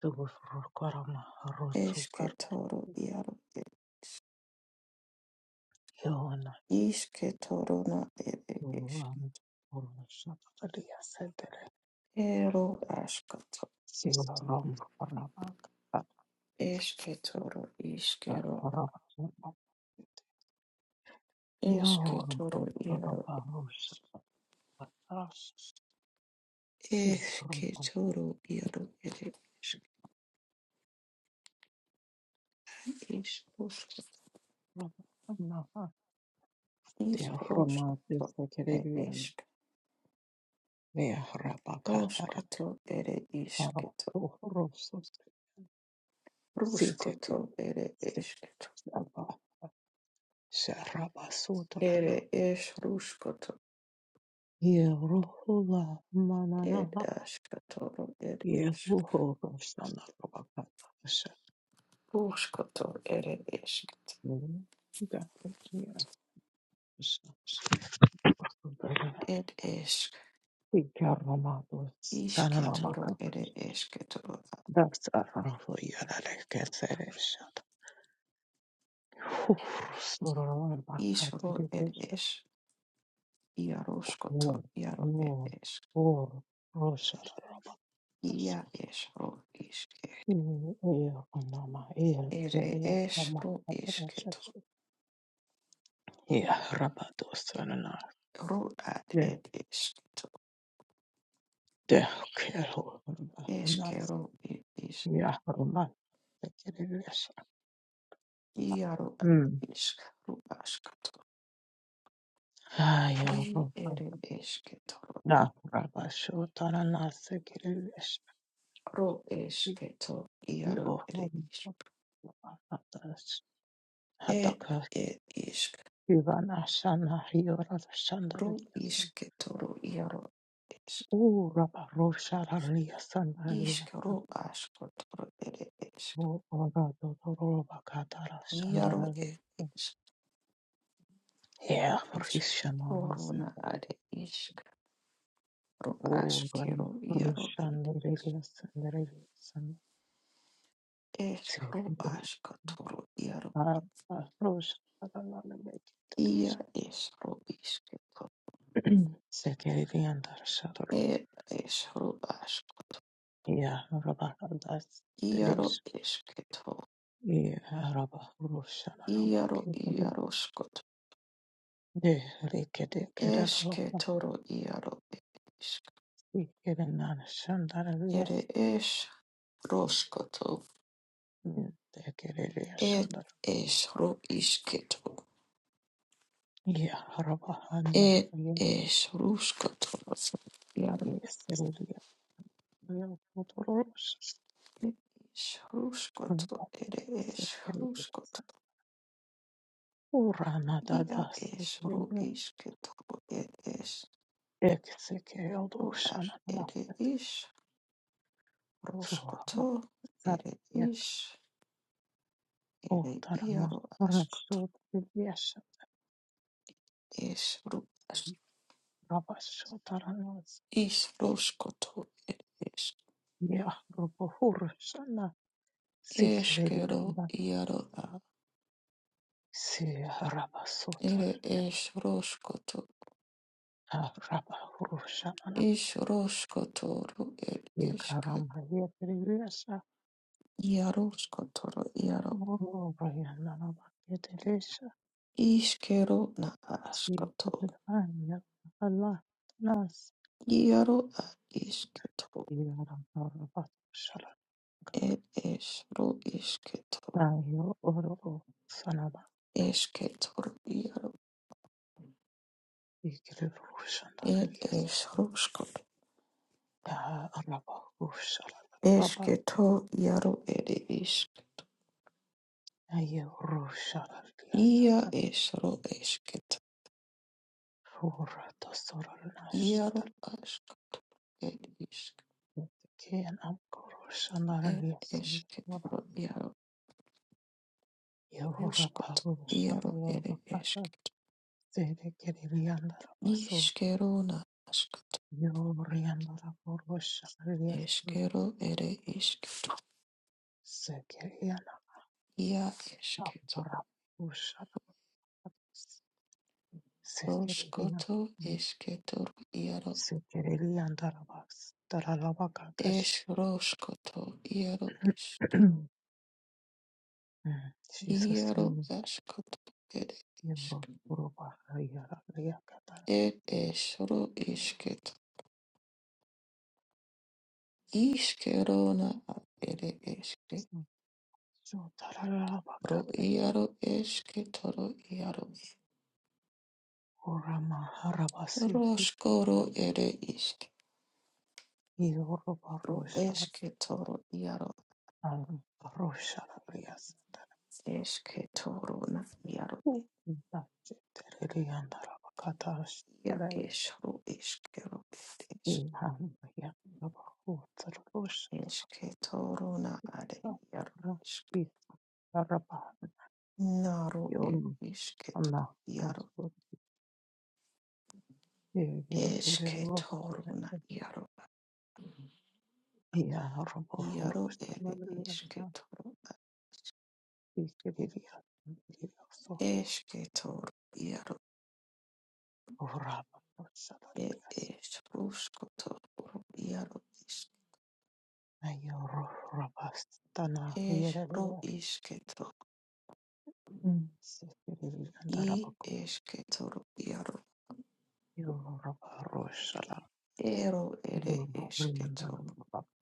Rukwarama Rosukwarama Yonaki Ram Roshapadia Center Sivaram Ramaka Ramaka Yoram Rosha Rash Sivaram Ramaka De Roma de Sakarian De Rabaka Ram Rosu City Sitaba Sharabasotarana. Yeruhula manana. Yeruho roshana rabakata. Yeruga. Yerushana. Ikaramados. Tanaramaka. That's a rafu yarare kesereshad. Hufrusurana bakateri bosha. Mor. Mor. Or. Roshana rabakata. Eir anama. Eir. Elia. Mama. Abarashad. Yeah, rabados anana. Yeah, de kero anas. Yeah, roman. Sekereres. Hmm. Ayo roman. Na rabasho tanana sekereres. Yo roman. Atas. Hataka kivana shana hiora shandarias. O rabaro shararias sandarias. O orado toro bakatara shandarias. Yeah, Krishna Masa. Oh, Ram Roshan Reli Sandari San Sekiri. Ah, Roshan Sekiri and Shadaru. Yeah, Rabba Das Teresh. Yeah, Rabba Roshan Rabba Kiri. De Rikete Kerala Kiran Shandararias. De Kiri Shandar. Yeah, Rabba Hanna. Yes, Yo Totoros Sekeribusa Urana Dada Sekeribu Eksekeodoshana Namaste Suhama Sarvia Otarama Rasod Vyasha Ravashotarana Yahrubahurushana Sikeribu Siharabasotarania Rabahurushana Yekarama Yekariyasha Moro Rayanana She could find a lot less Nayo Oro Sanaba Ikirushandaralias Ya Araba Rushalaraba Nayo Rushalarias and Urata Soranashtal Kian Amkorushandaralias Raba Yoraba Rushalarabata Zede Kiriandaraba So Yoriandaraba Rushalarias Sekeriana Kapara Usharabas Sekerian Sekerian Darabas Darabakatash Jesus Yembo Uruba Hayara Yakata So Tarabakatash Urama Harabasi Yoruba Rosha Rosha Rias Dachi Terian Darabakatash Ihangaya Navajo Sargosh Rasti Arabayon Anna Rasur Egerova Yaroborus Tamarasa Iskiria Giraso Raba Sadarias Ayoro Rabastana Yerelia Sikiri and Arabakum Yoraba Roshala Yoraba Rabastana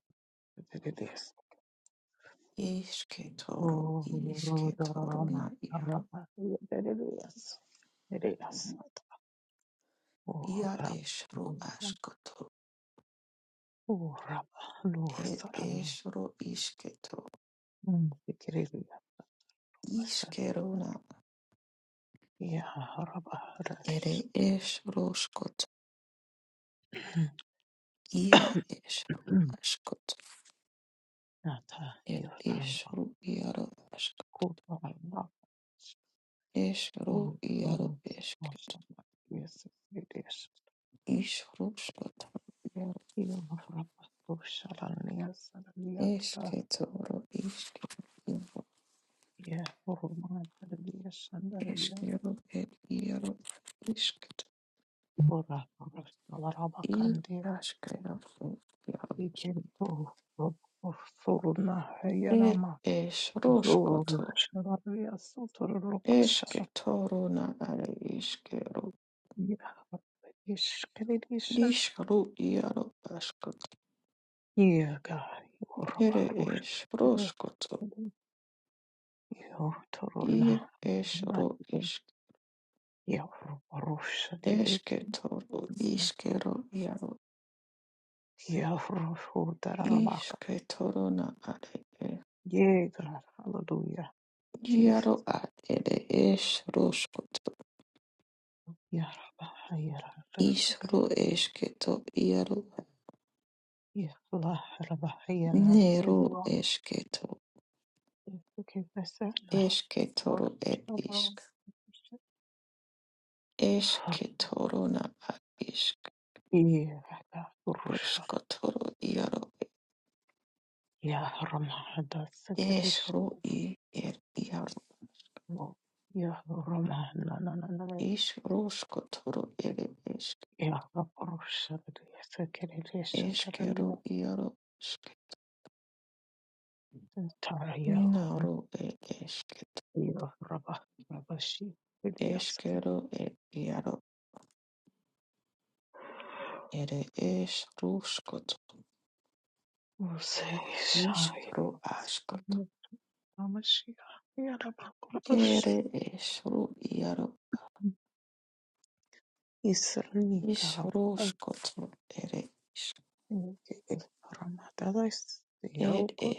Oh, Rodoroma, Rapa, Yes, it is. Oh, Rapa, oh, Rapa, no, Saram, Victoria, Satia, Rapa, Radish, Nata, your time, Kupa, Oh, Rama, Mosama, yes, it is. You Rapa, oh, Shalan, yes, and Yes, oh, my, yes, Ora alaraba kandi ikento soruna yanama zor şarar ya soturluk şarap ya işkelirişen yega yorba ruş yo toruna yavru ruş dedik yavru şurdar arabaka yega hallelujah Jesus yaraba hayra Ya Rabah Rabahiyana Sidiwa, okay bessa. Ya Rabah Roshah, ya Ramahda Sakerish, ya Ramah, na na na na na. Ya Rabah Roshah, doya Sakerish, ta'ala ya ta'raya. Ya Rabah Rabashi b'diyas, wa seyshayna, wa masiya, ya Rabah Roshah. Isrni Karabakh ke Ramadayis Yarkut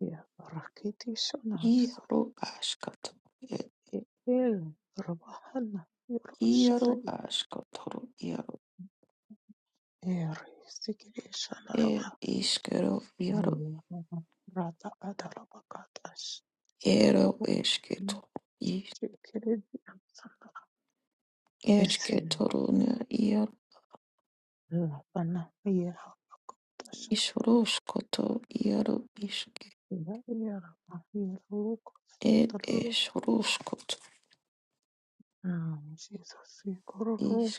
ya Rakitishanaso el Rabahana Yurashadani er Sikirishanaravah Rata Adarabakatash Chikiridiyansana Isin Lapana Yahakotasha Yarabah Yarukos Um, Jesus, Kororoba,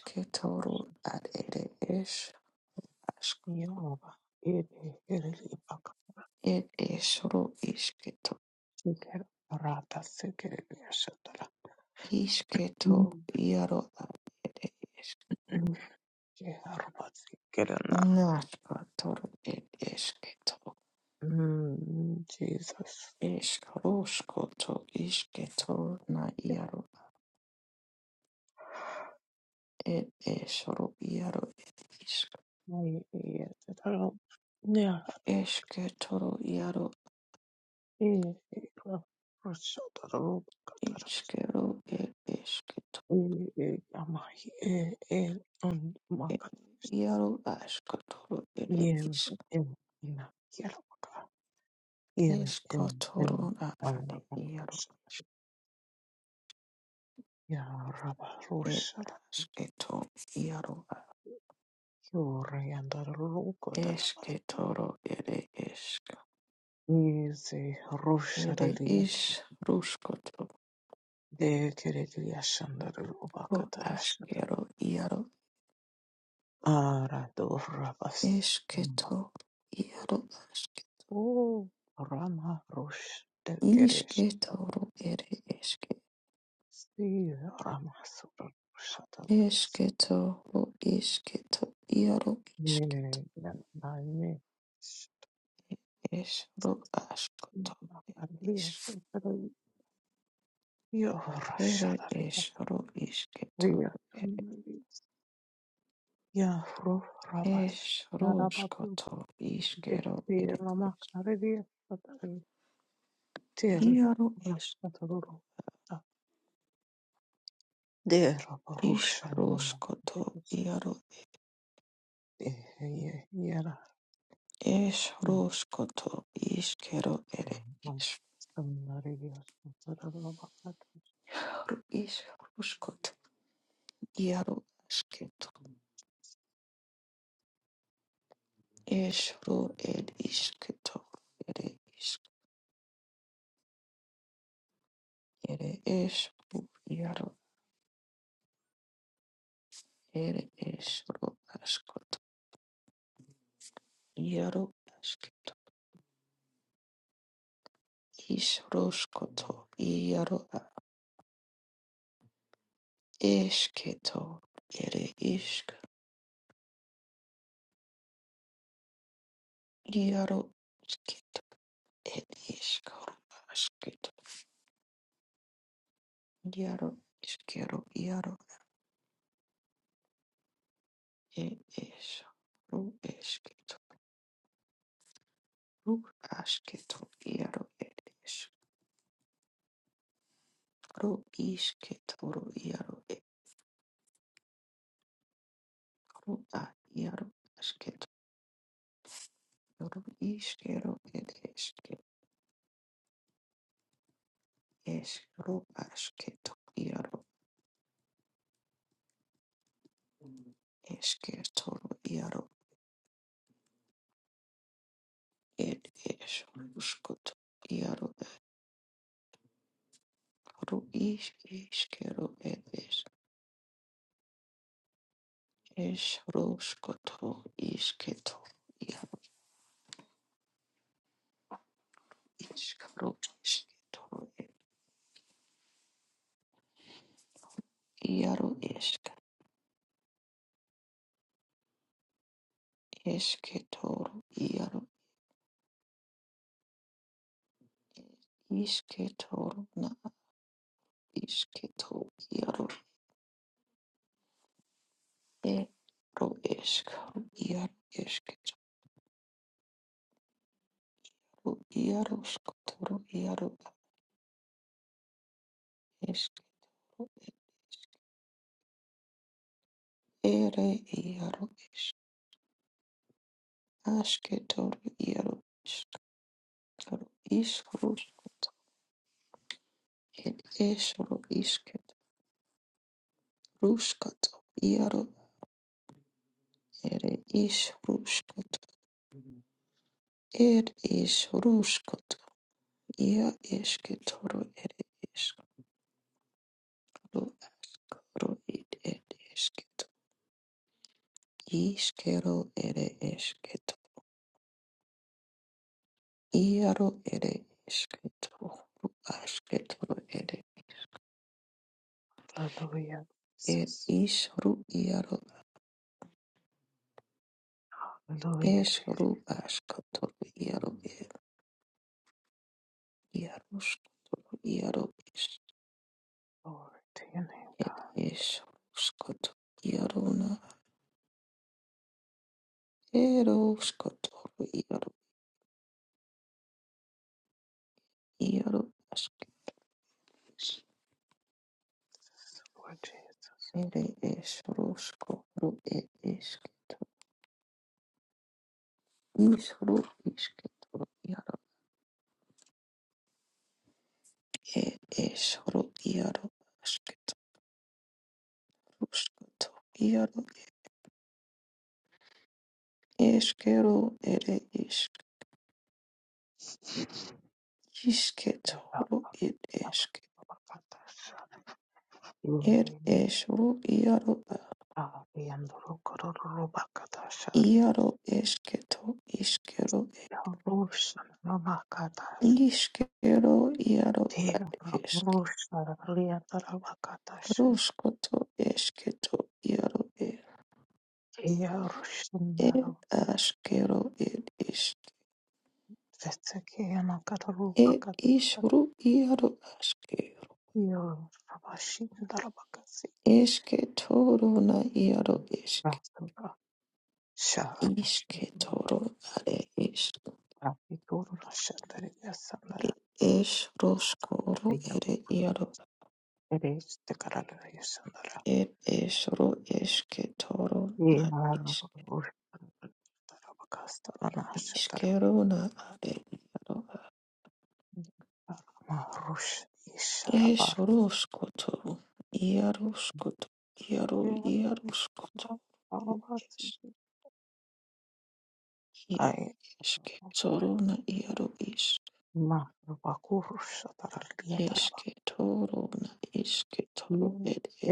Yehova, Ede, Ereli, Baka, Seker, Rata, Seker, Yashatara, Jehovah, Sekerana, Mm, Jesus, Yehovah, Yashatara, Nea, E, E, Ra, Rashatara, robot. Katara, E, E, Yamahi, E, E, On, Makatara, Yem, Em, Na, Yehovah, in in in Andalusia, Yarabusha, Yoriandarukotaraba, Easy Rushadalia, De Kerelia Shandaruba Katarashad, Aradorabas, O Rama Rush, De Keresh, See Rama Surashadabias, Nine. Hallelujah, Jesus. Hallelujah, Jesus. Glory to your name, God. Lord Jesus. The robakasta on the ash of the robak. The robakush is the robakia. The robakai is the robakusha. The robakia is the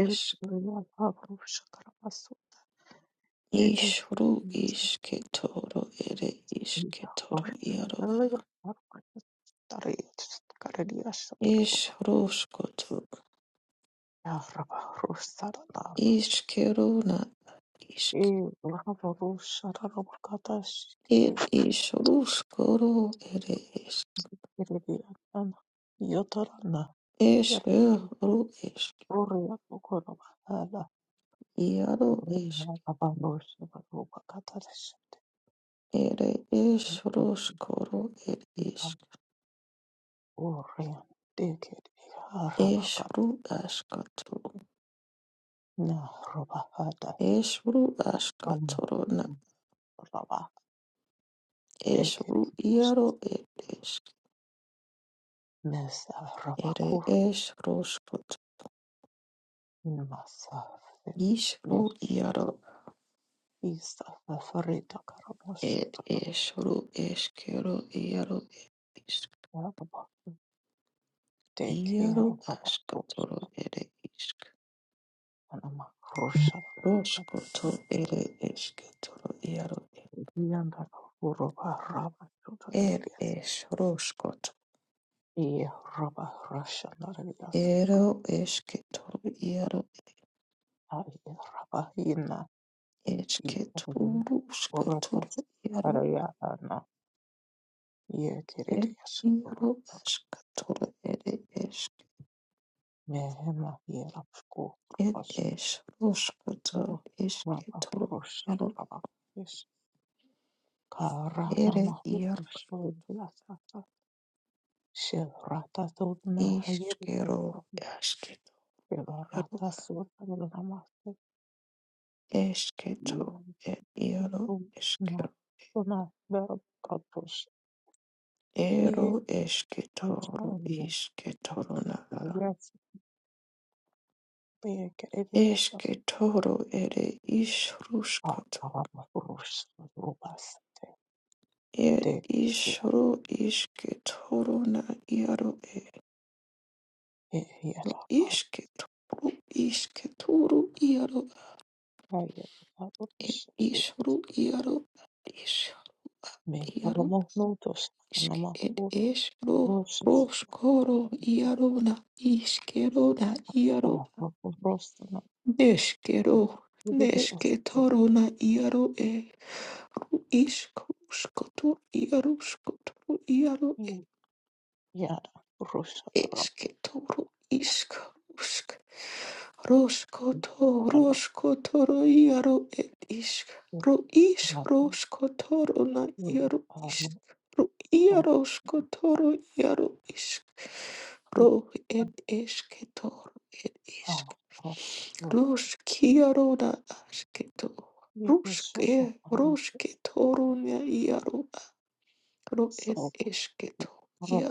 robakia. The robakusha is the robakia. The robakusha is the robakia. Iribiana yotorana yarani oria pokoro bahala oria abalosha baroba katarishite iba oria dekeri harabaka na robahada am roba dekeri mesa robakur masa nes isa favorita karamosu toro rababa dekeya rababa Anamakrosha Yanda Uroba Raba Tutorias E Roba Russia Narias Aye Raba Ina E Kadamani Urabas Araya Ana Ye Kiridias Urubak Mehema Yerapko Rubas Uro Raba Russia Raba Yes Karana Mahu Shoyasa Shirata Tudna Hayerikas Belarata sutramase įvykių nesuna verkatus į Australiją atskirties pajėgėlės vakarams Rusijos didėja įtaka pajėgoms mėgamų naudos namų Rusijos vakarus didės į ją Rusiją. But we are not we are for we are so honest, so horrible.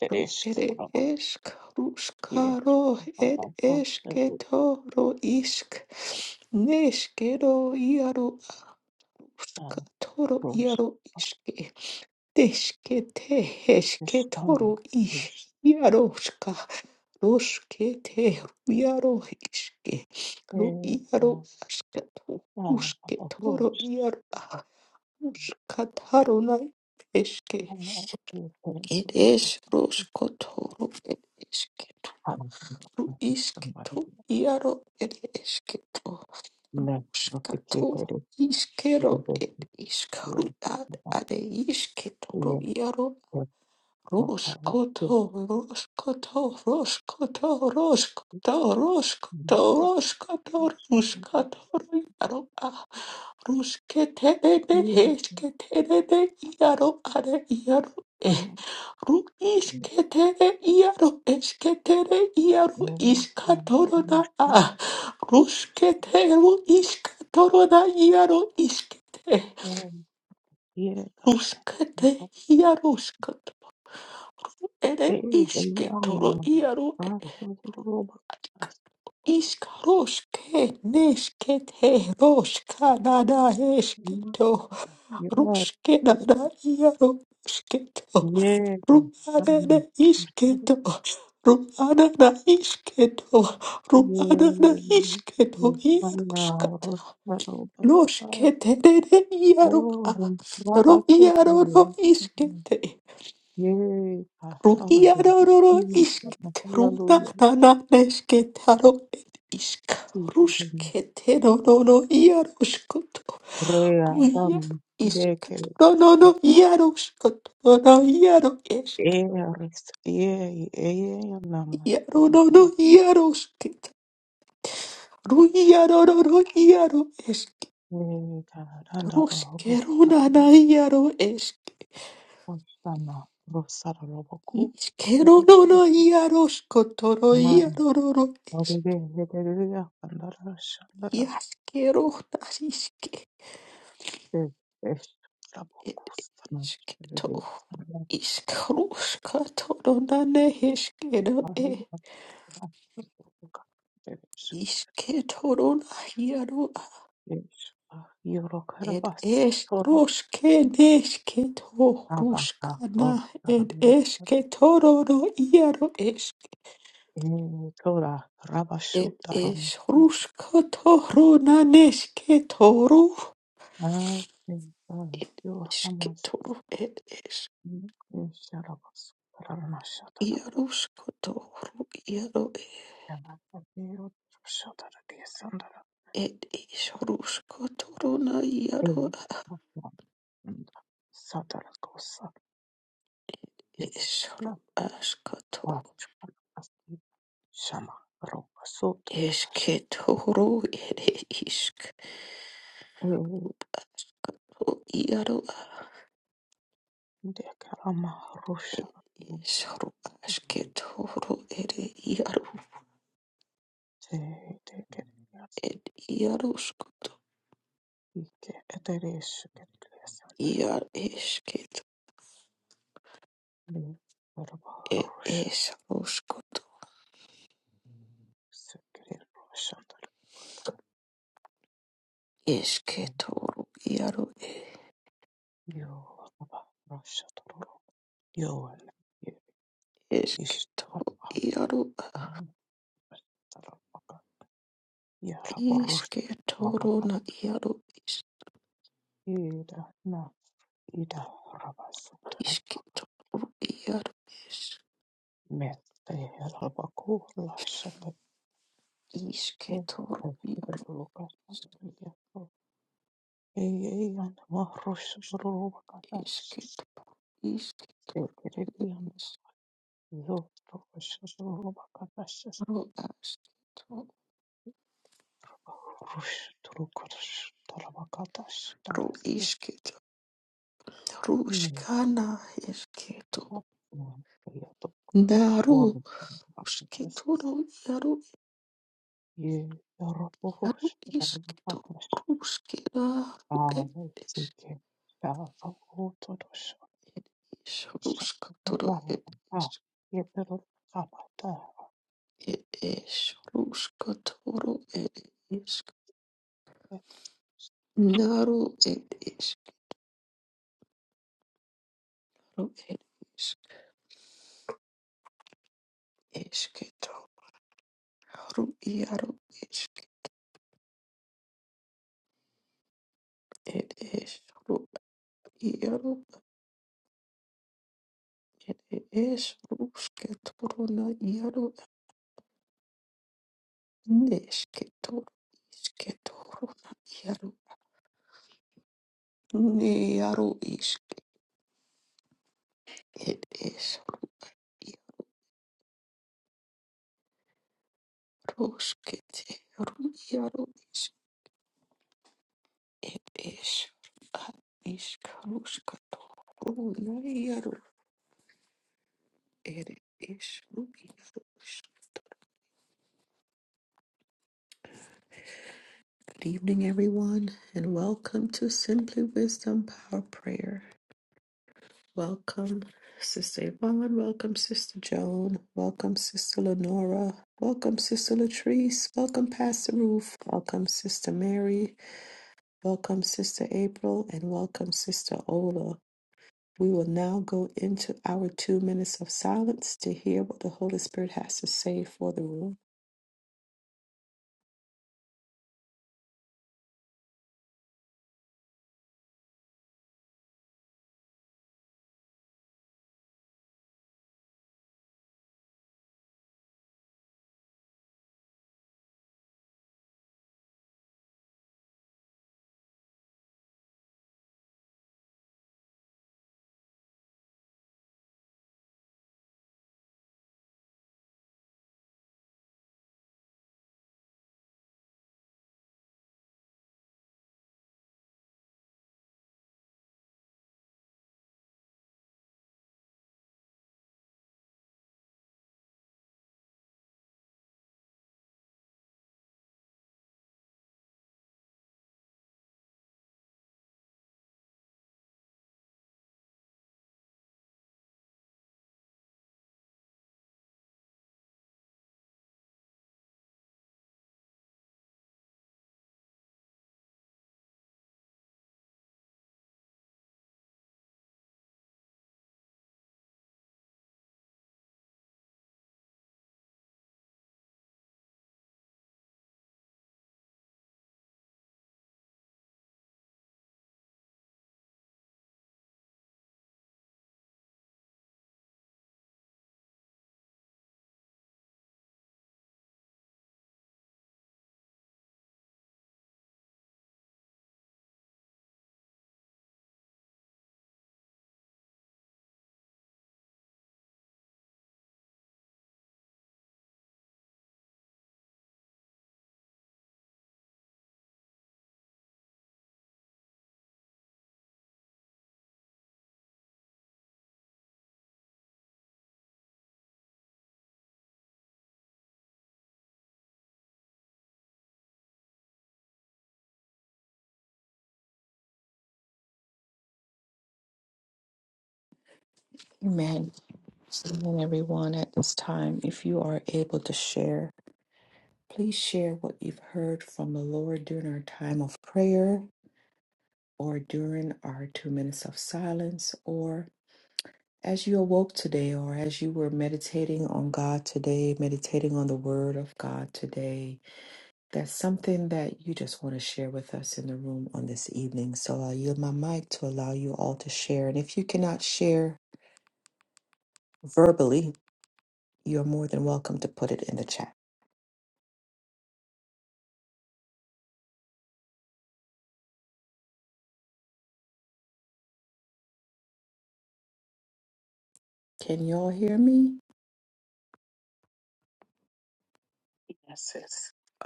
That is Canada. You are also a Rose is Anna. Rose is a Rose. Anna, you can go. I'm somebody. Never forget it. You can go. You can go. You can go. Yeah, hallelujah. Hallelujah. Rea dama dekerasa. Eres ie ie nama hirosbo. Eka randa bahu osana rosara roboku. Erechi mari oride hederiya kandara shandara. Eres raboku sana oride sana bahaya roboka. Eres eres yoro karabas tora abaka rosara Eh, Tora Rabashutaram. I think that you Hamas Sharabas Rana Shatara Yamiro Shatara Sandara and Satara Kosa is Kila Vachukas Shama Roba Sotarash De Karama Rusha De Keras Ike Eteresh Kerias They were Russian secret Russian Baba Yoruba Russian Yoan is Baba Baba Yaraburu Baba Ida Na Ida Rabasutra Met the Rabaku Russian Lucas Eyan Marusha Rubakas Secret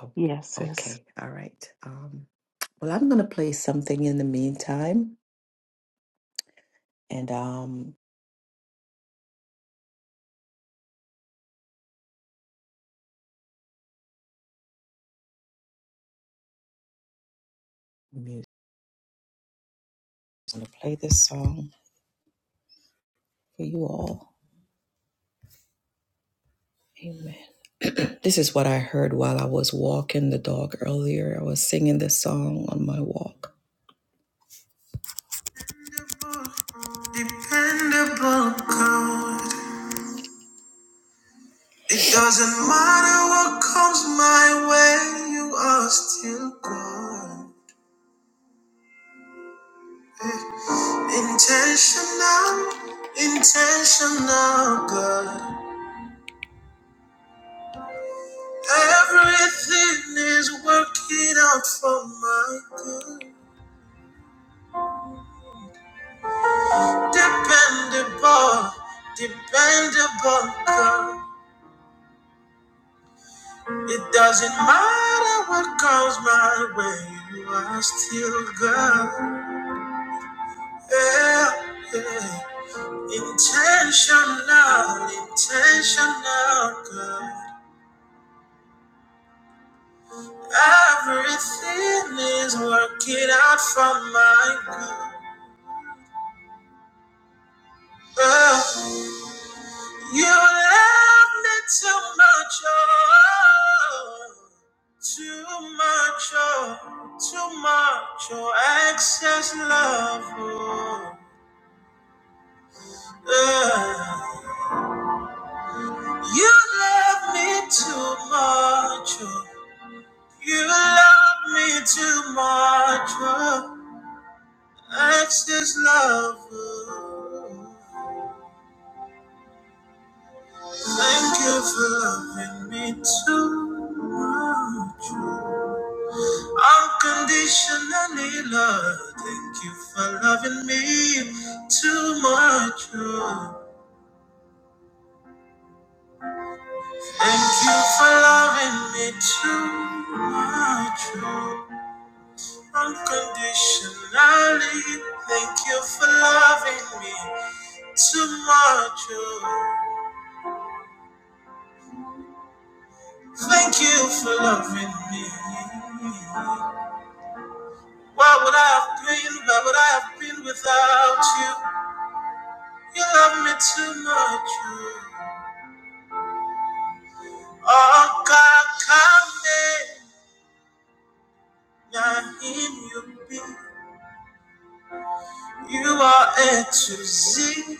Yes, yes. Dependable God. It doesn't matter what comes my way, you are still God. Intentional, intentional God. Everything is working out for my good. Dependable, dependable God. It doesn't matter what comes my way, you are still God. yeah, yeah. Intentional, intentional, God. Everything is working out for my good. Oh, you love me too much, oh, too much, oh, too much, oh, excess love, oh. oh. You love me too much, oh. You love me too much. oh, That's this love. oh. Thank you for loving me too much. oh. Unconditionally, love. Thank you for loving me too much. oh. Thank you for loving me too much. oh. Unconditionally, thank you for loving me. Too much. oh. Thank you for loving me. Why would I have been? Why would I have been without you? You love me too much. Oh, oh God, come in. Now him you be. You are A to Z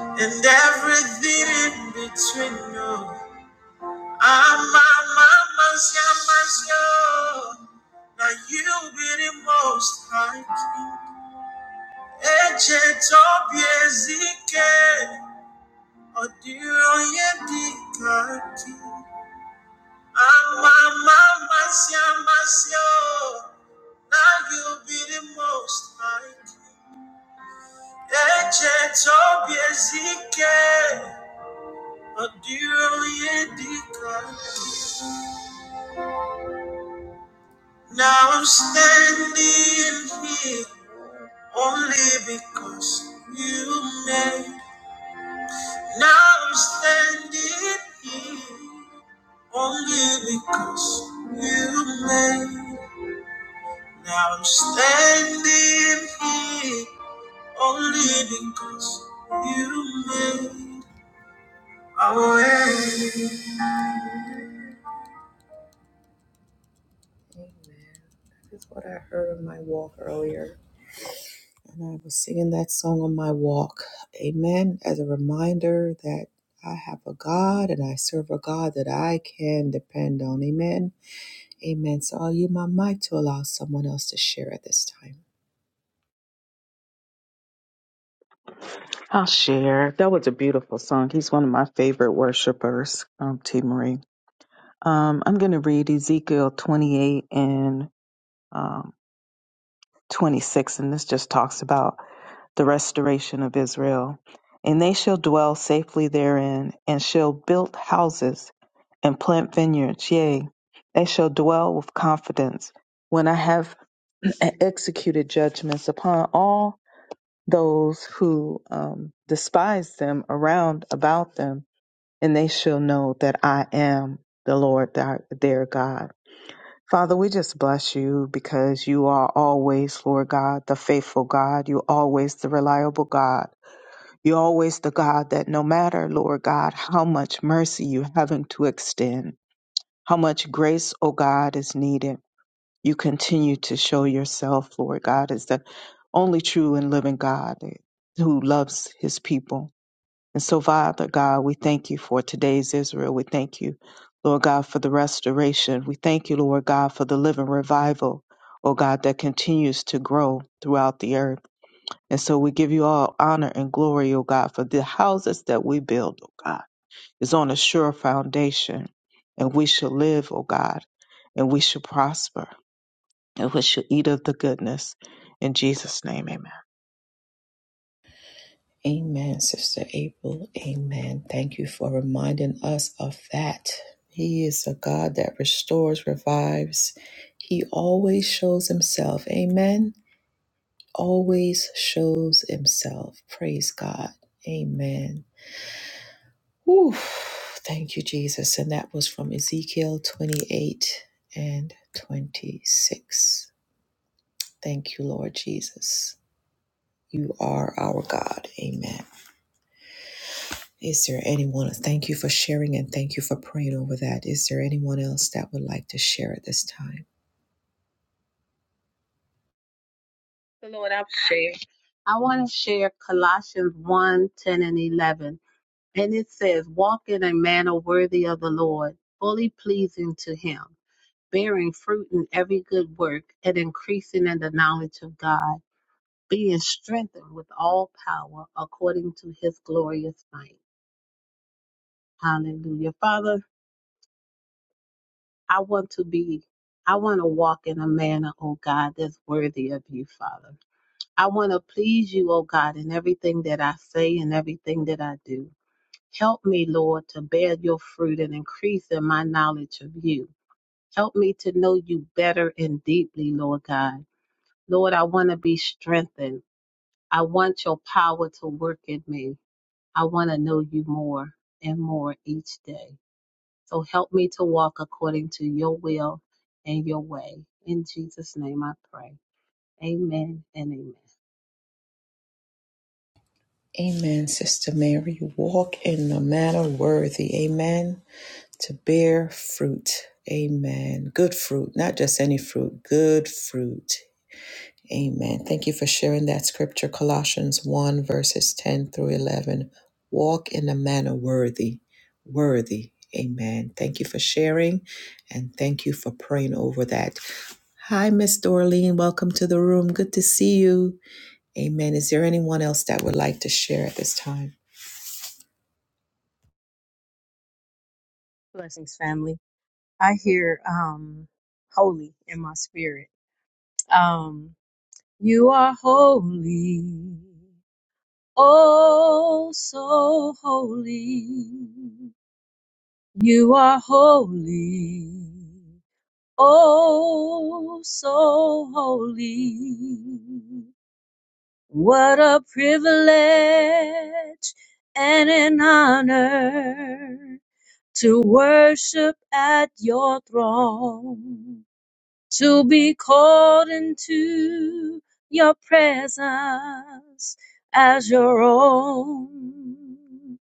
and everything in between. No, I'm my mama's yama's yo. Now you be the most high king. Echeto biezike odironye dikaki ama mama siamasio now you be the most high Echeto biezike odironye dikaki now I'm standing here only because you made now I'm standing here Only because you made. Now I'm standing here. Only because you made a way. I'll share. That was a beautiful song. He's one of my favorite worshipers, um, T. Marie. Um, I'm going to read Ezekiel 28 and um, 26, and this just talks about the restoration of Israel. And they shall dwell safely therein, and shall build houses and plant vineyards. Yea, they shall dwell with confidence when I have executed judgments upon all those who um, despise them around about them, and they shall know that I am the Lord their, their God. Father, we just bless you because you are always, Lord God, the faithful God. You're always the reliable God. You're always the God that no matter, Lord God, how much mercy you having to extend, how much grace, O God, is needed, you continue to show yourself, Lord God, as the only true and living God who loves his people. And so, Father God, we thank you for today's Israel. We thank you, Lord God, for the restoration. We thank you, Lord God, for the living revival, oh God, that continues to grow throughout the earth. And so we give you all honor and glory, oh God, for the houses that we build, oh God, is on a sure foundation. And we shall live, oh God, and we shall prosper, and we shall eat of the goodness. In Jesus' name, amen. the Lord I've shared. I want to share Colossians one 10 and 11. And it says, Walk in a manner worthy of the Lord, fully pleasing to Him, bearing fruit in every good work, and increasing in the knowledge of God, being strengthened with all power according to His glorious might. Hallelujah. Father, I want to be, I want to walk in a manner, oh God, that's worthy of you, Father. I want to please you, O God, in everything that I say and everything that I do. Help me, Lord, to bear your fruit and increase in my knowledge of you. Help me to know you better and deeply, Lord God. Lord, I want to be strengthened. I want your power to work in me. I want to know you more and more each day. So help me to walk according to your will and your way. In Jesus' name I pray. Amen and amen. Blessings, family. I hear um holy in my spirit. Um you are holy. Oh so holy. You are holy. Oh so holy. What a privilege and an honor to worship at your throne to be called into your presence as your own.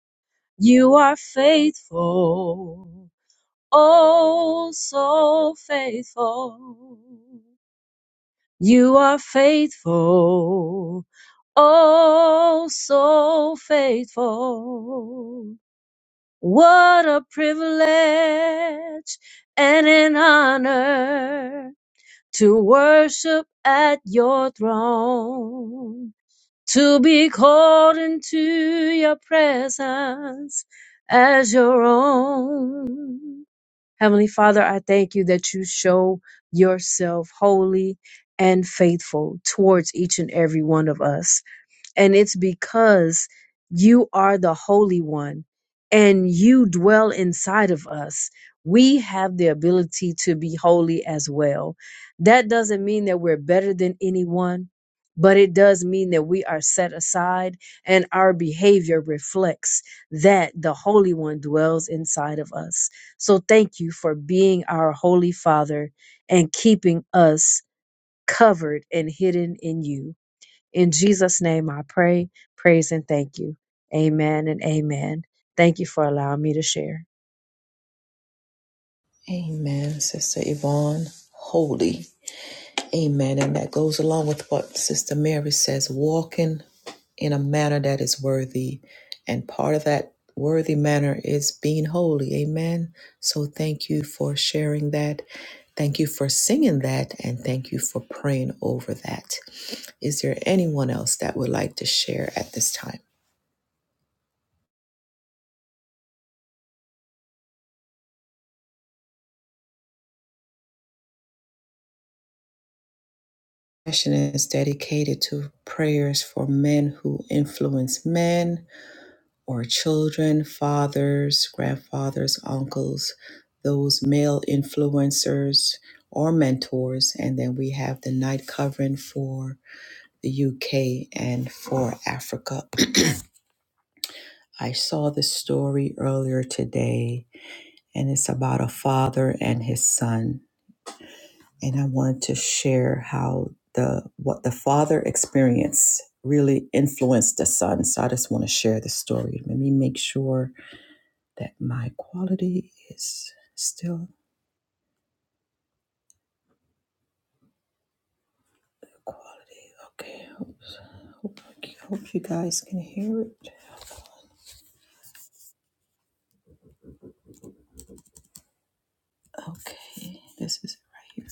You are faithful, oh, so faithful. You are faithful, oh, so faithful. What a privilege and an honor to worship at your throne, to be called into your presence as your own. Heavenly Father, I thank you that you show yourself holy and faithful towards each and every one of us. And it's because you are the Holy One and you dwell inside of us. We have the ability to be holy as well. That doesn't mean that we're better than anyone, but it does mean that we are set aside and our behavior reflects that the Holy One dwells inside of us. So thank you for being our Holy Father and keeping us covered and hidden in you. In Jesus' name I pray, praise, and thank you. Amen and amen. Thank you for allowing me to share.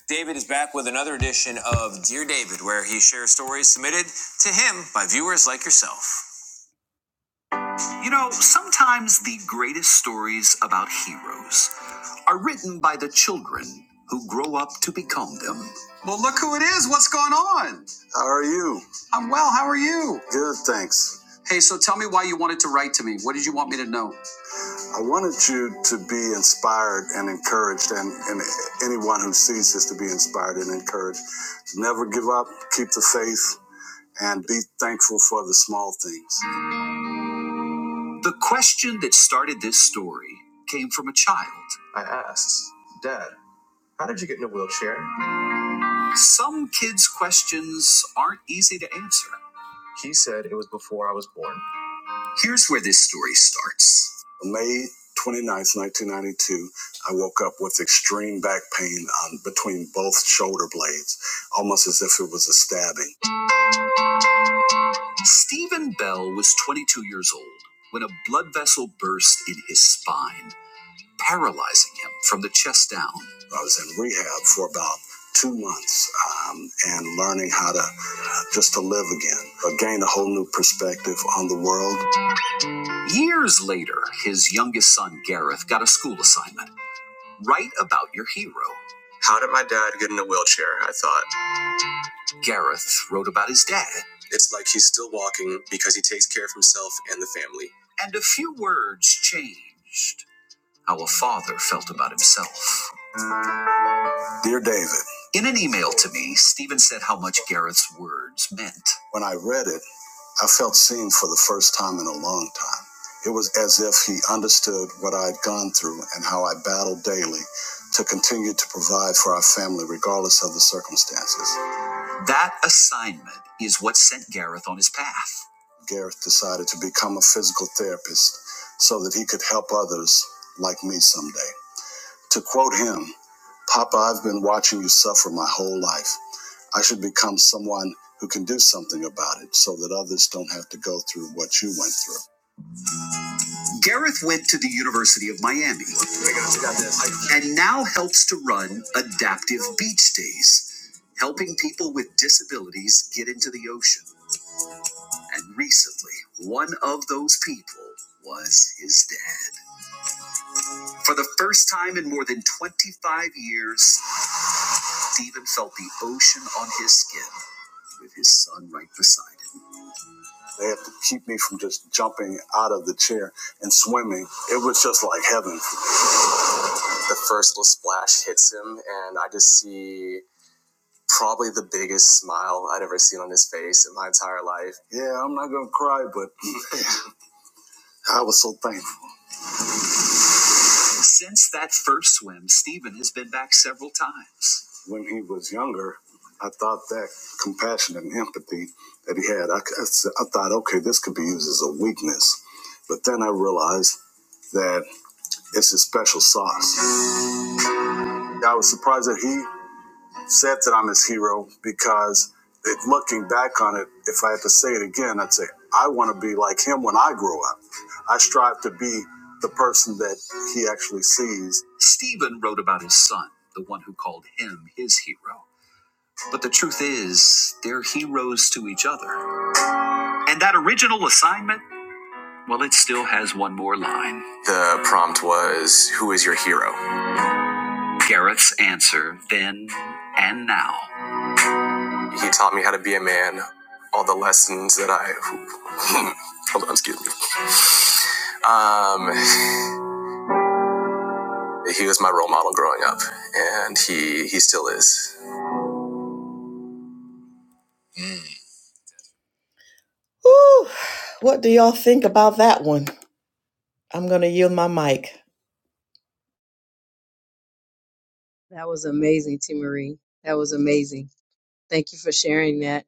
David is back with another edition of Dear David, where he shares stories submitted to him by viewers like yourself. You know, sometimes the greatest stories about heroes are written by the children who grow up to become them. Well, look who it is. What's going on? How are you? I'm well. How are you? Good, thanks. Hey, so tell me why you wanted to write to me. What did you want me to know? I wanted you to be inspired and encouraged, and, and anyone who sees this to be inspired and encouraged. Never give up, keep the faith, and be thankful for the small things. The question that started this story came from a child. I asked, Dad, how did you get in a wheelchair? Some kids' questions aren't easy to answer. He said it was before I was born. Here's where this story starts. May 29th, 1992, I woke up with extreme back pain on between both shoulder blades, almost as if it was a stabbing. Stephen Bell was 22 years old when a blood vessel burst in his spine. paralyzing him from the chest down. I was in rehab for about two months um, and learning how to just to live again, uh, gain a whole new perspective on the world. Years later, his youngest son Gareth got a school assignment: write about your hero. How did my dad get in a wheelchair? I thought. Gareth wrote about his dad. It's like he's still walking because he takes care of himself and the family. And a few words changed how a father felt about himself. Dear David, In an email to me, Stephen said how much Gareth's words meant. when I read it, I felt seen for the first time in a long time. It was as if he understood what I had gone through and how I battled daily to continue to provide for our family regardless of the circumstances. That assignment is what sent Gareth on his path. Gareth decided to become a physical therapist so that he could help others like me someday. To quote him, Papa, I've been watching you suffer my whole life. I should become someone who can do something about it so that others don't have to go through what you went through. Gareth went to the University of Miami and now helps to run Adaptive Beach Days, helping people with disabilities get into the ocean. And recently, one of those people was his dad. For the first time in more than 25 years, Stephen felt the ocean on his skin with his son right beside him. They have to keep me from just jumping out of the chair and swimming. It was just like heaven. The first little splash hits him, and I just see probably the biggest smile I'd ever seen on his face in my entire life. Yeah, I'm not gonna cry, but I was so thankful. Since that first swim, Stephen has been back several times. When he was younger, I thought that compassion and empathy that he had, I I thought, okay, this could be used as a weakness. But then I realized that it's his special sauce. I was surprised that he upset that I'm his hero because it, looking back on it, if I had to say it again, I'd say I want to be like him when I grow up. I strive to be the person that he actually sees. Stephen wrote about his son, the one who called him his hero. But the truth is, they're heroes to each other. And that original assignment, well, it still has one more line. The prompt was Who is your hero? Garrett's answer then and now He taught me how to be a man. All the lessons that I hold on, excuse me. Um, he was my role model growing up, and he he still is. That was amazing, T. Marie. That was amazing. Thank you for sharing that.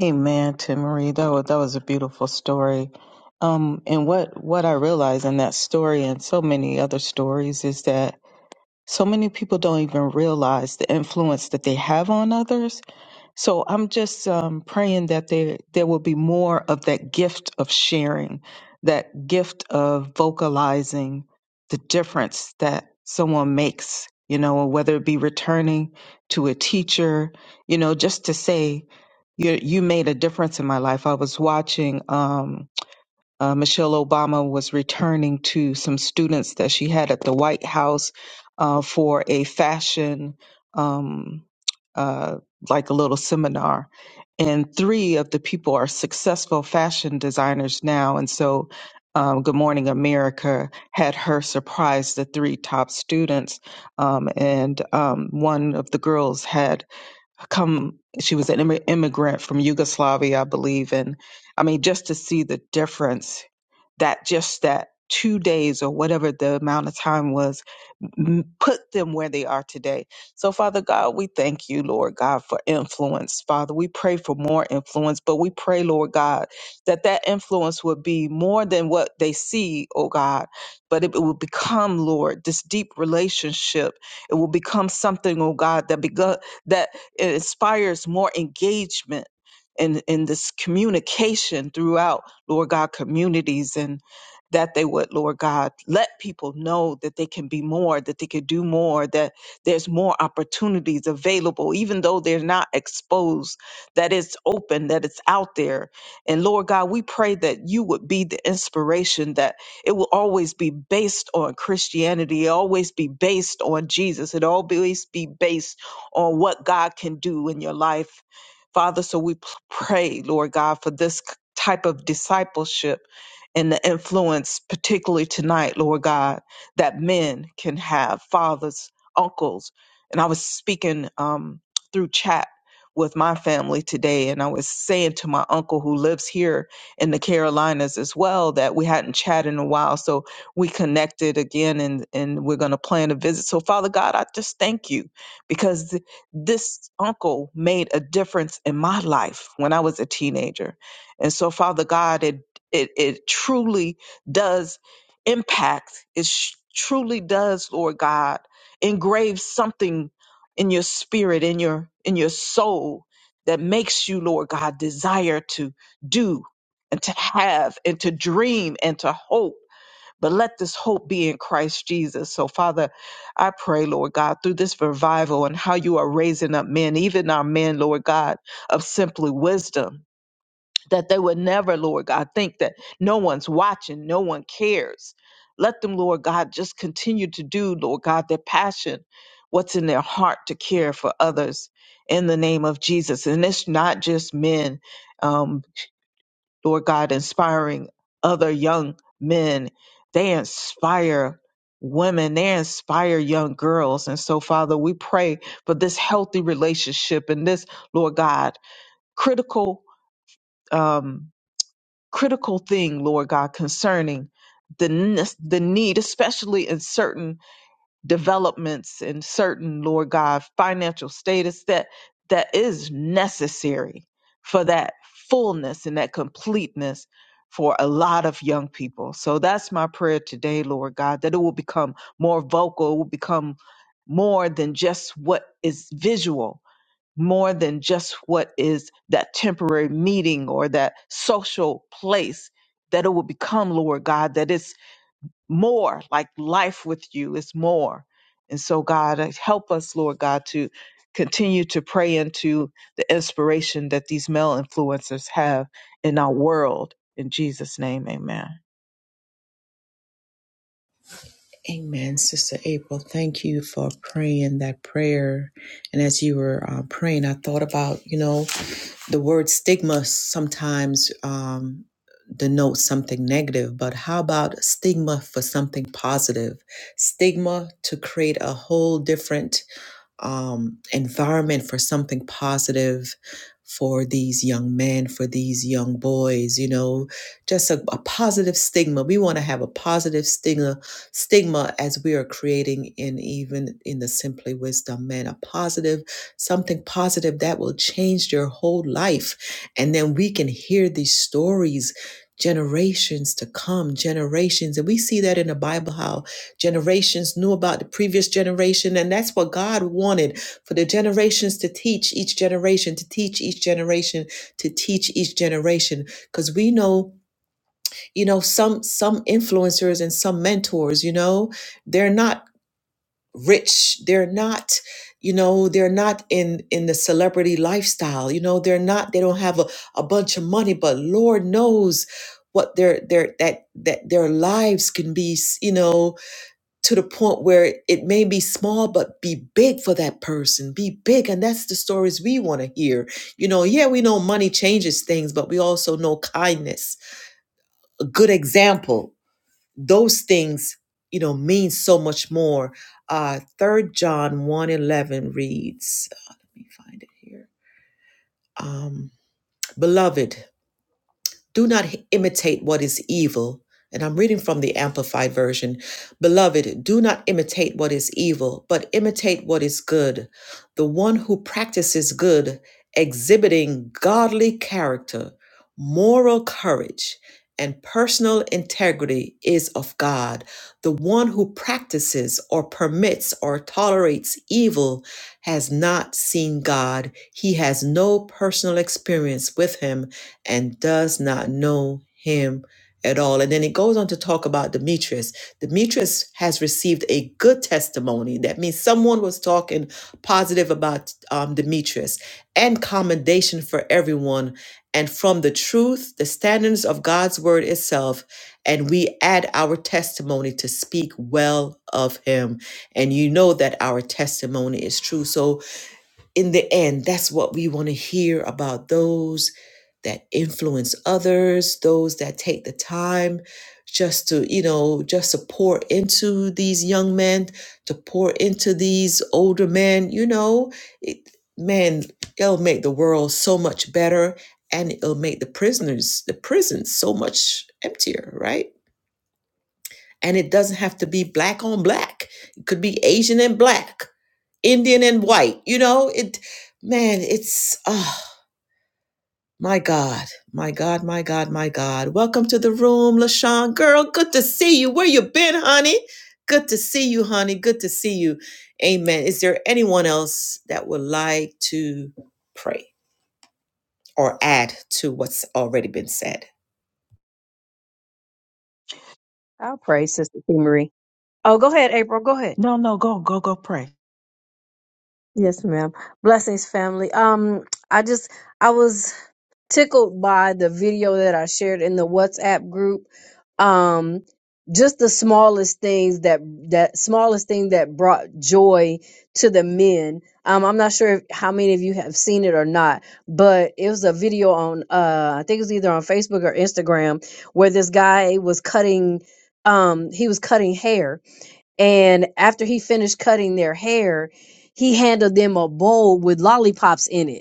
Amen, Tim Marie. That was, that was a beautiful story. Um, and what, what I realized in that story and so many other stories is that so many people don't even realize the influence that they have on others. So I'm just um, praying that there, there will be more of that gift of sharing, that gift of vocalizing the difference that someone makes, you know, whether it be returning to a teacher, you know, just to say, you you made a difference in my life. I was watching um, uh, Michelle Obama was returning to some students that she had at the White House uh, for a fashion um, uh, like a little seminar, and three of the people are successful fashion designers now, and so. Um, Good Morning America had her surprise the three top students, um, and um, one of the girls had come she was an immi- immigrant from Yugoslavia, I believe, and I mean just to see the difference that just that two days or whatever the amount of time was put them where they are today. So, Father God, we thank you, Lord God, for influence. Father, we pray for more influence, but we pray, Lord God, that that influence would be more than what they see, oh God, but it will become, Lord, this deep relationship. It will become something, oh God, that begu- that inspires more engagement. In, in this communication throughout, Lord God, communities and that they would, Lord God, let people know that they can be more, that they could do more, that there's more opportunities available, even though they're not exposed, that it's open, that it's out there. And Lord God, we pray that you would be the inspiration, that it will always be based on Christianity, it always be based on Jesus, it always be based on what God can do in your life. Father, so we p- pray, Lord God, for this c- type of discipleship and the influence, particularly tonight, Lord God, that men can have fathers, uncles. And I was speaking um, through chat with my family today, and I was saying to my uncle who lives here in the Carolinas as well that we hadn't chatted in a while. So we connected again, and, and we're going to plan a visit. So, Father God, I just thank you because th- this uncle made a difference in my life when I was a teenager. And so, Father God, it it it truly does impact it sh- truly does lord god engrave something in your spirit in your in your soul that makes you lord god desire to do and to have and to dream and to hope but let this hope be in Christ Jesus. So, Father, I pray, Lord God, through this revival and how you are raising up men, even our men, Lord God, of simply wisdom that they would never, Lord God, think that no one's watching, no one cares. Let them, Lord God, just continue to do, Lord God, their passion, what's in their heart to care for others in the name of Jesus. And it's not just men, um, Lord God, inspiring other young men. They inspire women, they inspire young girls. And so, Father, we pray for this healthy relationship and this, Lord God, critical. Um, critical thing, Lord God, concerning the ne- the need, especially in certain developments and certain, Lord God, financial status that that is necessary for that fullness and that completeness for a lot of young people. So that's my prayer today, Lord God, that it will become more vocal, it will become more than just what is visual, more than just what is that temporary meeting or that social place, that it will become, Lord God, that it's more like life with you It's more. And so, God, uh, help us, Lord God, to continue to pray into the inspiration that these male influencers have in our world. In Jesus' name, amen. I'll pray, Sister T. Marie. Oh, go ahead, April. Go ahead. No, no, go, go, go pray. Yes, ma'am. Blessings, family. Um, I just I was tickled by the video that I shared in the WhatsApp group. Um, just the smallest things that that smallest thing that brought joy to the men. Um, I'm not sure if, how many of you have seen it or not, but it was a video on uh, I think it was either on Facebook or Instagram where this guy was cutting. Um, he was cutting hair, and after he finished cutting their hair, he handed them a bowl with lollipops in it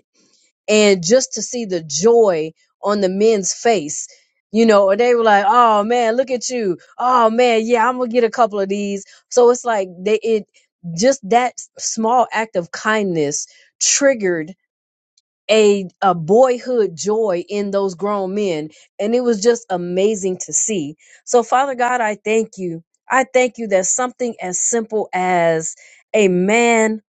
and just to see the joy on the men's face you know or they were like oh man look at you oh man yeah i'm gonna get a couple of these so it's like they it just that small act of kindness triggered a, a boyhood joy in those grown men and it was just amazing to see so father god i thank you i thank you that something as simple as a man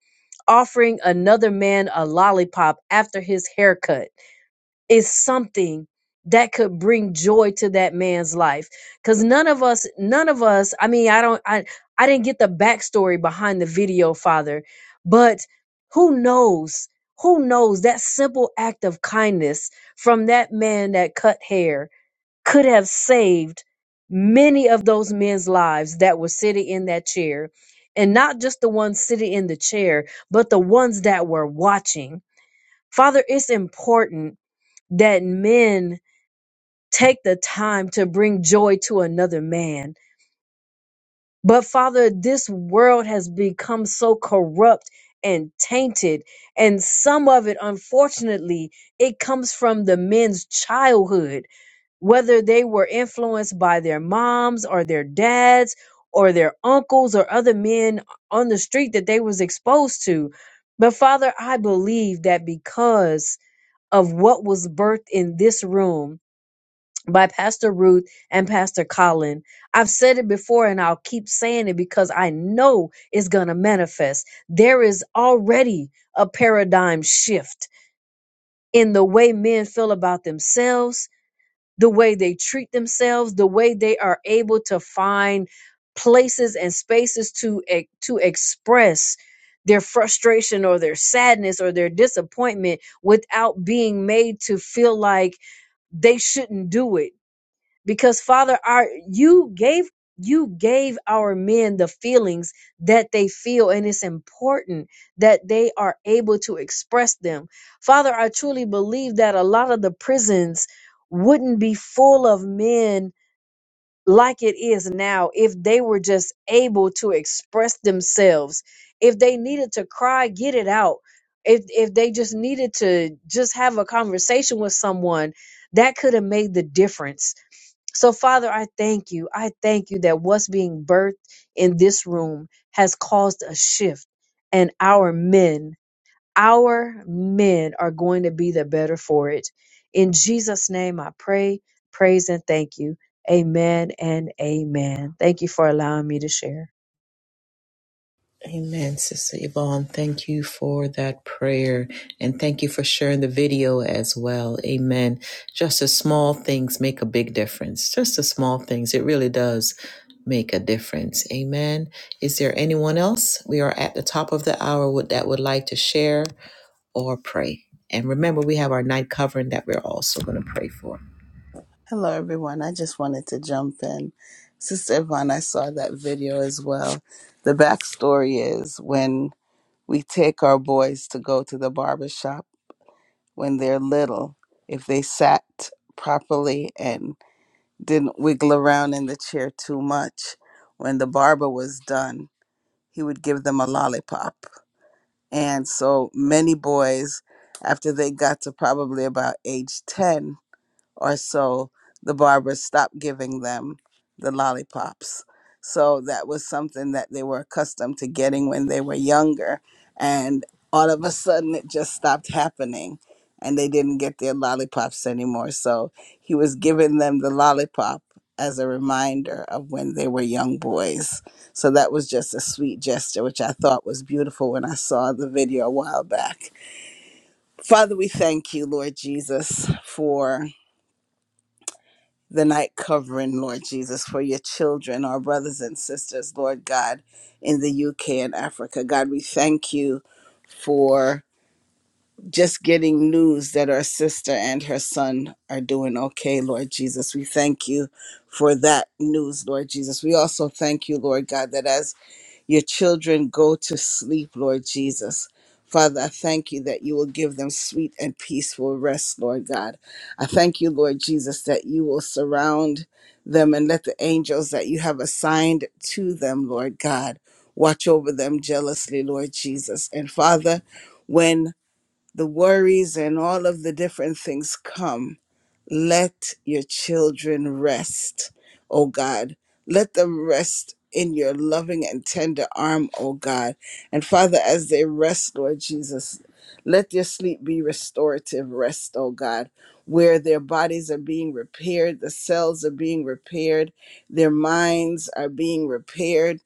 offering another man a lollipop after his haircut is something that could bring joy to that man's life because none of us none of us i mean i don't i i didn't get the backstory behind the video father but who knows who knows that simple act of kindness from that man that cut hair could have saved many of those men's lives that were sitting in that chair and not just the ones sitting in the chair but the ones that were watching father it's important that men take the time to bring joy to another man. But Father, this world has become so corrupt and tainted. And some of it, unfortunately, it comes from the men's childhood, whether they were influenced by their moms or their dads or their uncles or other men on the street that they was exposed to. But Father, I believe that because of what was birthed in this room, by Pastor Ruth and Pastor Colin. I've said it before and I'll keep saying it because I know it's going to manifest. There is already a paradigm shift in the way men feel about themselves, the way they treat themselves, the way they are able to find places and spaces to e- to express their frustration or their sadness or their disappointment without being made to feel like they shouldn't do it because father our you gave you gave our men the feelings that they feel and it's important that they are able to express them father i truly believe that a lot of the prisons wouldn't be full of men like it is now if they were just able to express themselves if they needed to cry get it out if if they just needed to just have a conversation with someone that could have made the difference so, Father, I thank you. I thank you that what's being birthed in this room has caused a shift, and our men, our men are going to be the better for it. In Jesus' name, I pray, praise, and thank you. Amen and amen. Thank you for allowing me to share. Hello, everyone. I just wanted to jump in. Sister Yvonne, I saw that video as well. The backstory is when we take our boys to go to the barber shop when they're little, if they sat properly and didn't wiggle around in the chair too much, when the barber was done, he would give them a lollipop. And so many boys, after they got to probably about age 10, or so, the barber stopped giving them the lollipops. So that was something that they were accustomed to getting when they were younger. And all of a sudden, it just stopped happening. And they didn't get their lollipops anymore. So he was giving them the lollipop as a reminder of when they were young boys. So that was just a sweet gesture, which I thought was beautiful when I saw the video a while back. Father, we thank you, Lord Jesus, for the night covering, Lord Jesus, for your children, our brothers and sisters, Lord God, in the UK and Africa. God, we thank you for just getting news that our sister and her son are doing okay, Lord Jesus. We thank you for that news, Lord Jesus. We also thank you, Lord God, that as your children go to sleep, Lord Jesus. Father, I thank you that you will give them sweet and peaceful rest, Lord God. I thank you, Lord Jesus, that you will surround them and let the angels that you have assigned to them, Lord God, watch over them jealously, Lord Jesus. And Father, when the worries and all of the different things come, let your children rest, oh God. Let them rest in your loving and tender arm, oh God. And Father, as they rest, Lord Jesus, let their sleep be restorative rest, oh God, where their bodies are being repaired, the cells are being repaired, their minds are being repaired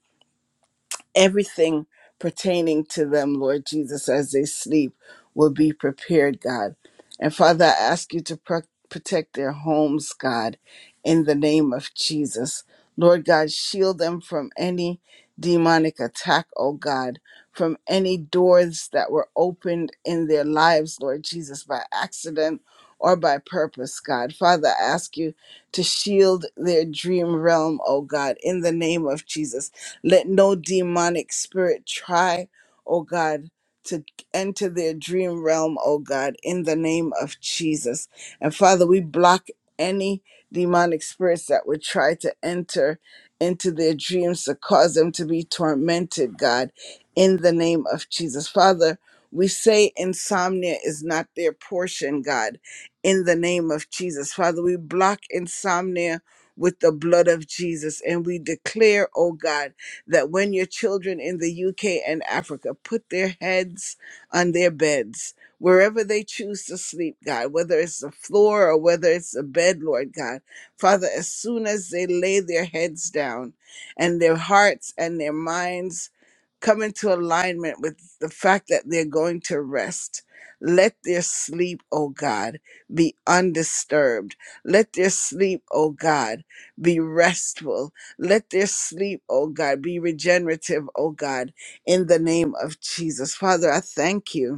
everything pertaining to them, Lord Jesus, as they sleep will be prepared, God. And Father, I ask you to pro- protect their homes, God, in the name of Jesus. Lord God, shield them from any demonic attack, oh God, from any doors that were opened in their lives, Lord Jesus, by accident or by purpose, God. Father, I ask you to shield their dream realm, oh God, in the name of Jesus let no demonic spirit try, oh God, to enter their dream realm, oh God, in the name of Jesus. And Father, we block any demonic spirits that would try to enter into their dreams to cause them to be tormented, God, in the name of Jesus. Father, we say insomnia is not their portion, God, in the name of Jesus. Father, we block insomnia with the blood of Jesus and we declare, oh God, that when your children in the UK and Africa put their heads on their beds, wherever they choose to sleep, God, whether it's the floor or whether it's the bed, Lord God, Father, as soon as they lay their heads down and their hearts and their minds come into alignment with the fact that they're going to rest. Let their sleep, oh God, be undisturbed. Let their sleep, oh God, be restful let their sleep, oh God, be regenerative, oh God, in the name of Jesus. Father, I thank you.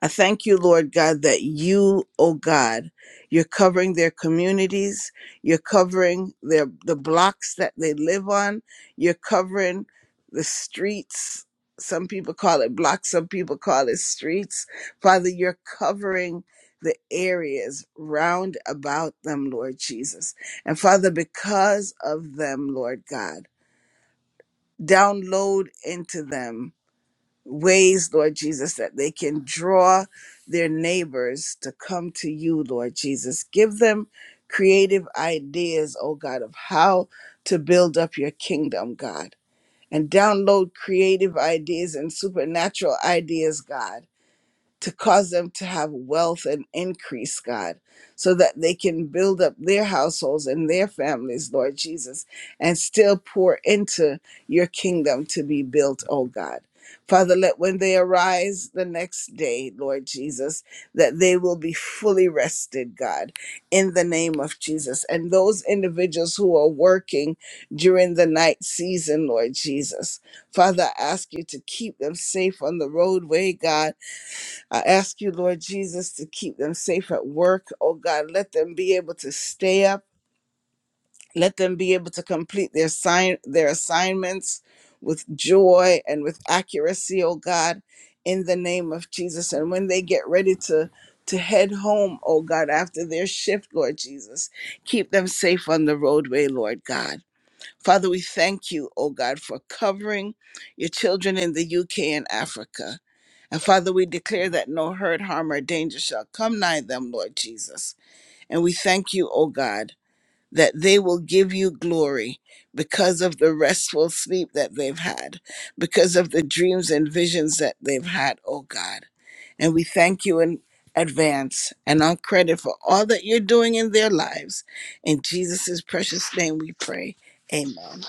I thank you, Lord God, that you, oh God, you're covering their communities, you're covering their the blocks that they live on, you're covering the streets. Some people call it blocks, some people call it streets. Father, you're covering the areas round about them, Lord Jesus. And Father, because of them, Lord God, download into them ways, Lord Jesus, that they can draw their neighbors to come to you, Lord Jesus. Give them creative ideas, oh God, of how to build up your kingdom, God. And download creative ideas and supernatural ideas, God to cause them to have wealth and increase, God, so that they can build up their households and their families, Lord Jesus, and still pour into your kingdom to be built, oh God. Father, let when they arise the next day, Lord Jesus, that they will be fully rested, God, in the name of Jesus. And those individuals who are working during the night season, Lord Jesus, Father, I ask you to keep them safe on the roadway, God I ask you, Lord Jesus, to keep them safe at work. Oh God, let them be able to stay up. Let them be able to complete their sign their assignments with joy and with accuracy, oh God, in the name of Jesus. And when they get ready to to head home, oh God, after their shift, Lord Jesus, keep them safe on the roadway, Lord God. Father, we thank you, O God, for covering your children in the UK and Africa. And Father, we declare that no hurt, harm, or danger shall come nigh them, Lord Jesus. And we thank you, O God, that they will give you glory because of the restful sleep that they've had, because of the dreams and visions that they've had, O God. And we thank you in advance and on credit for all that you're doing in their lives. In Jesus' precious name we pray. Amen.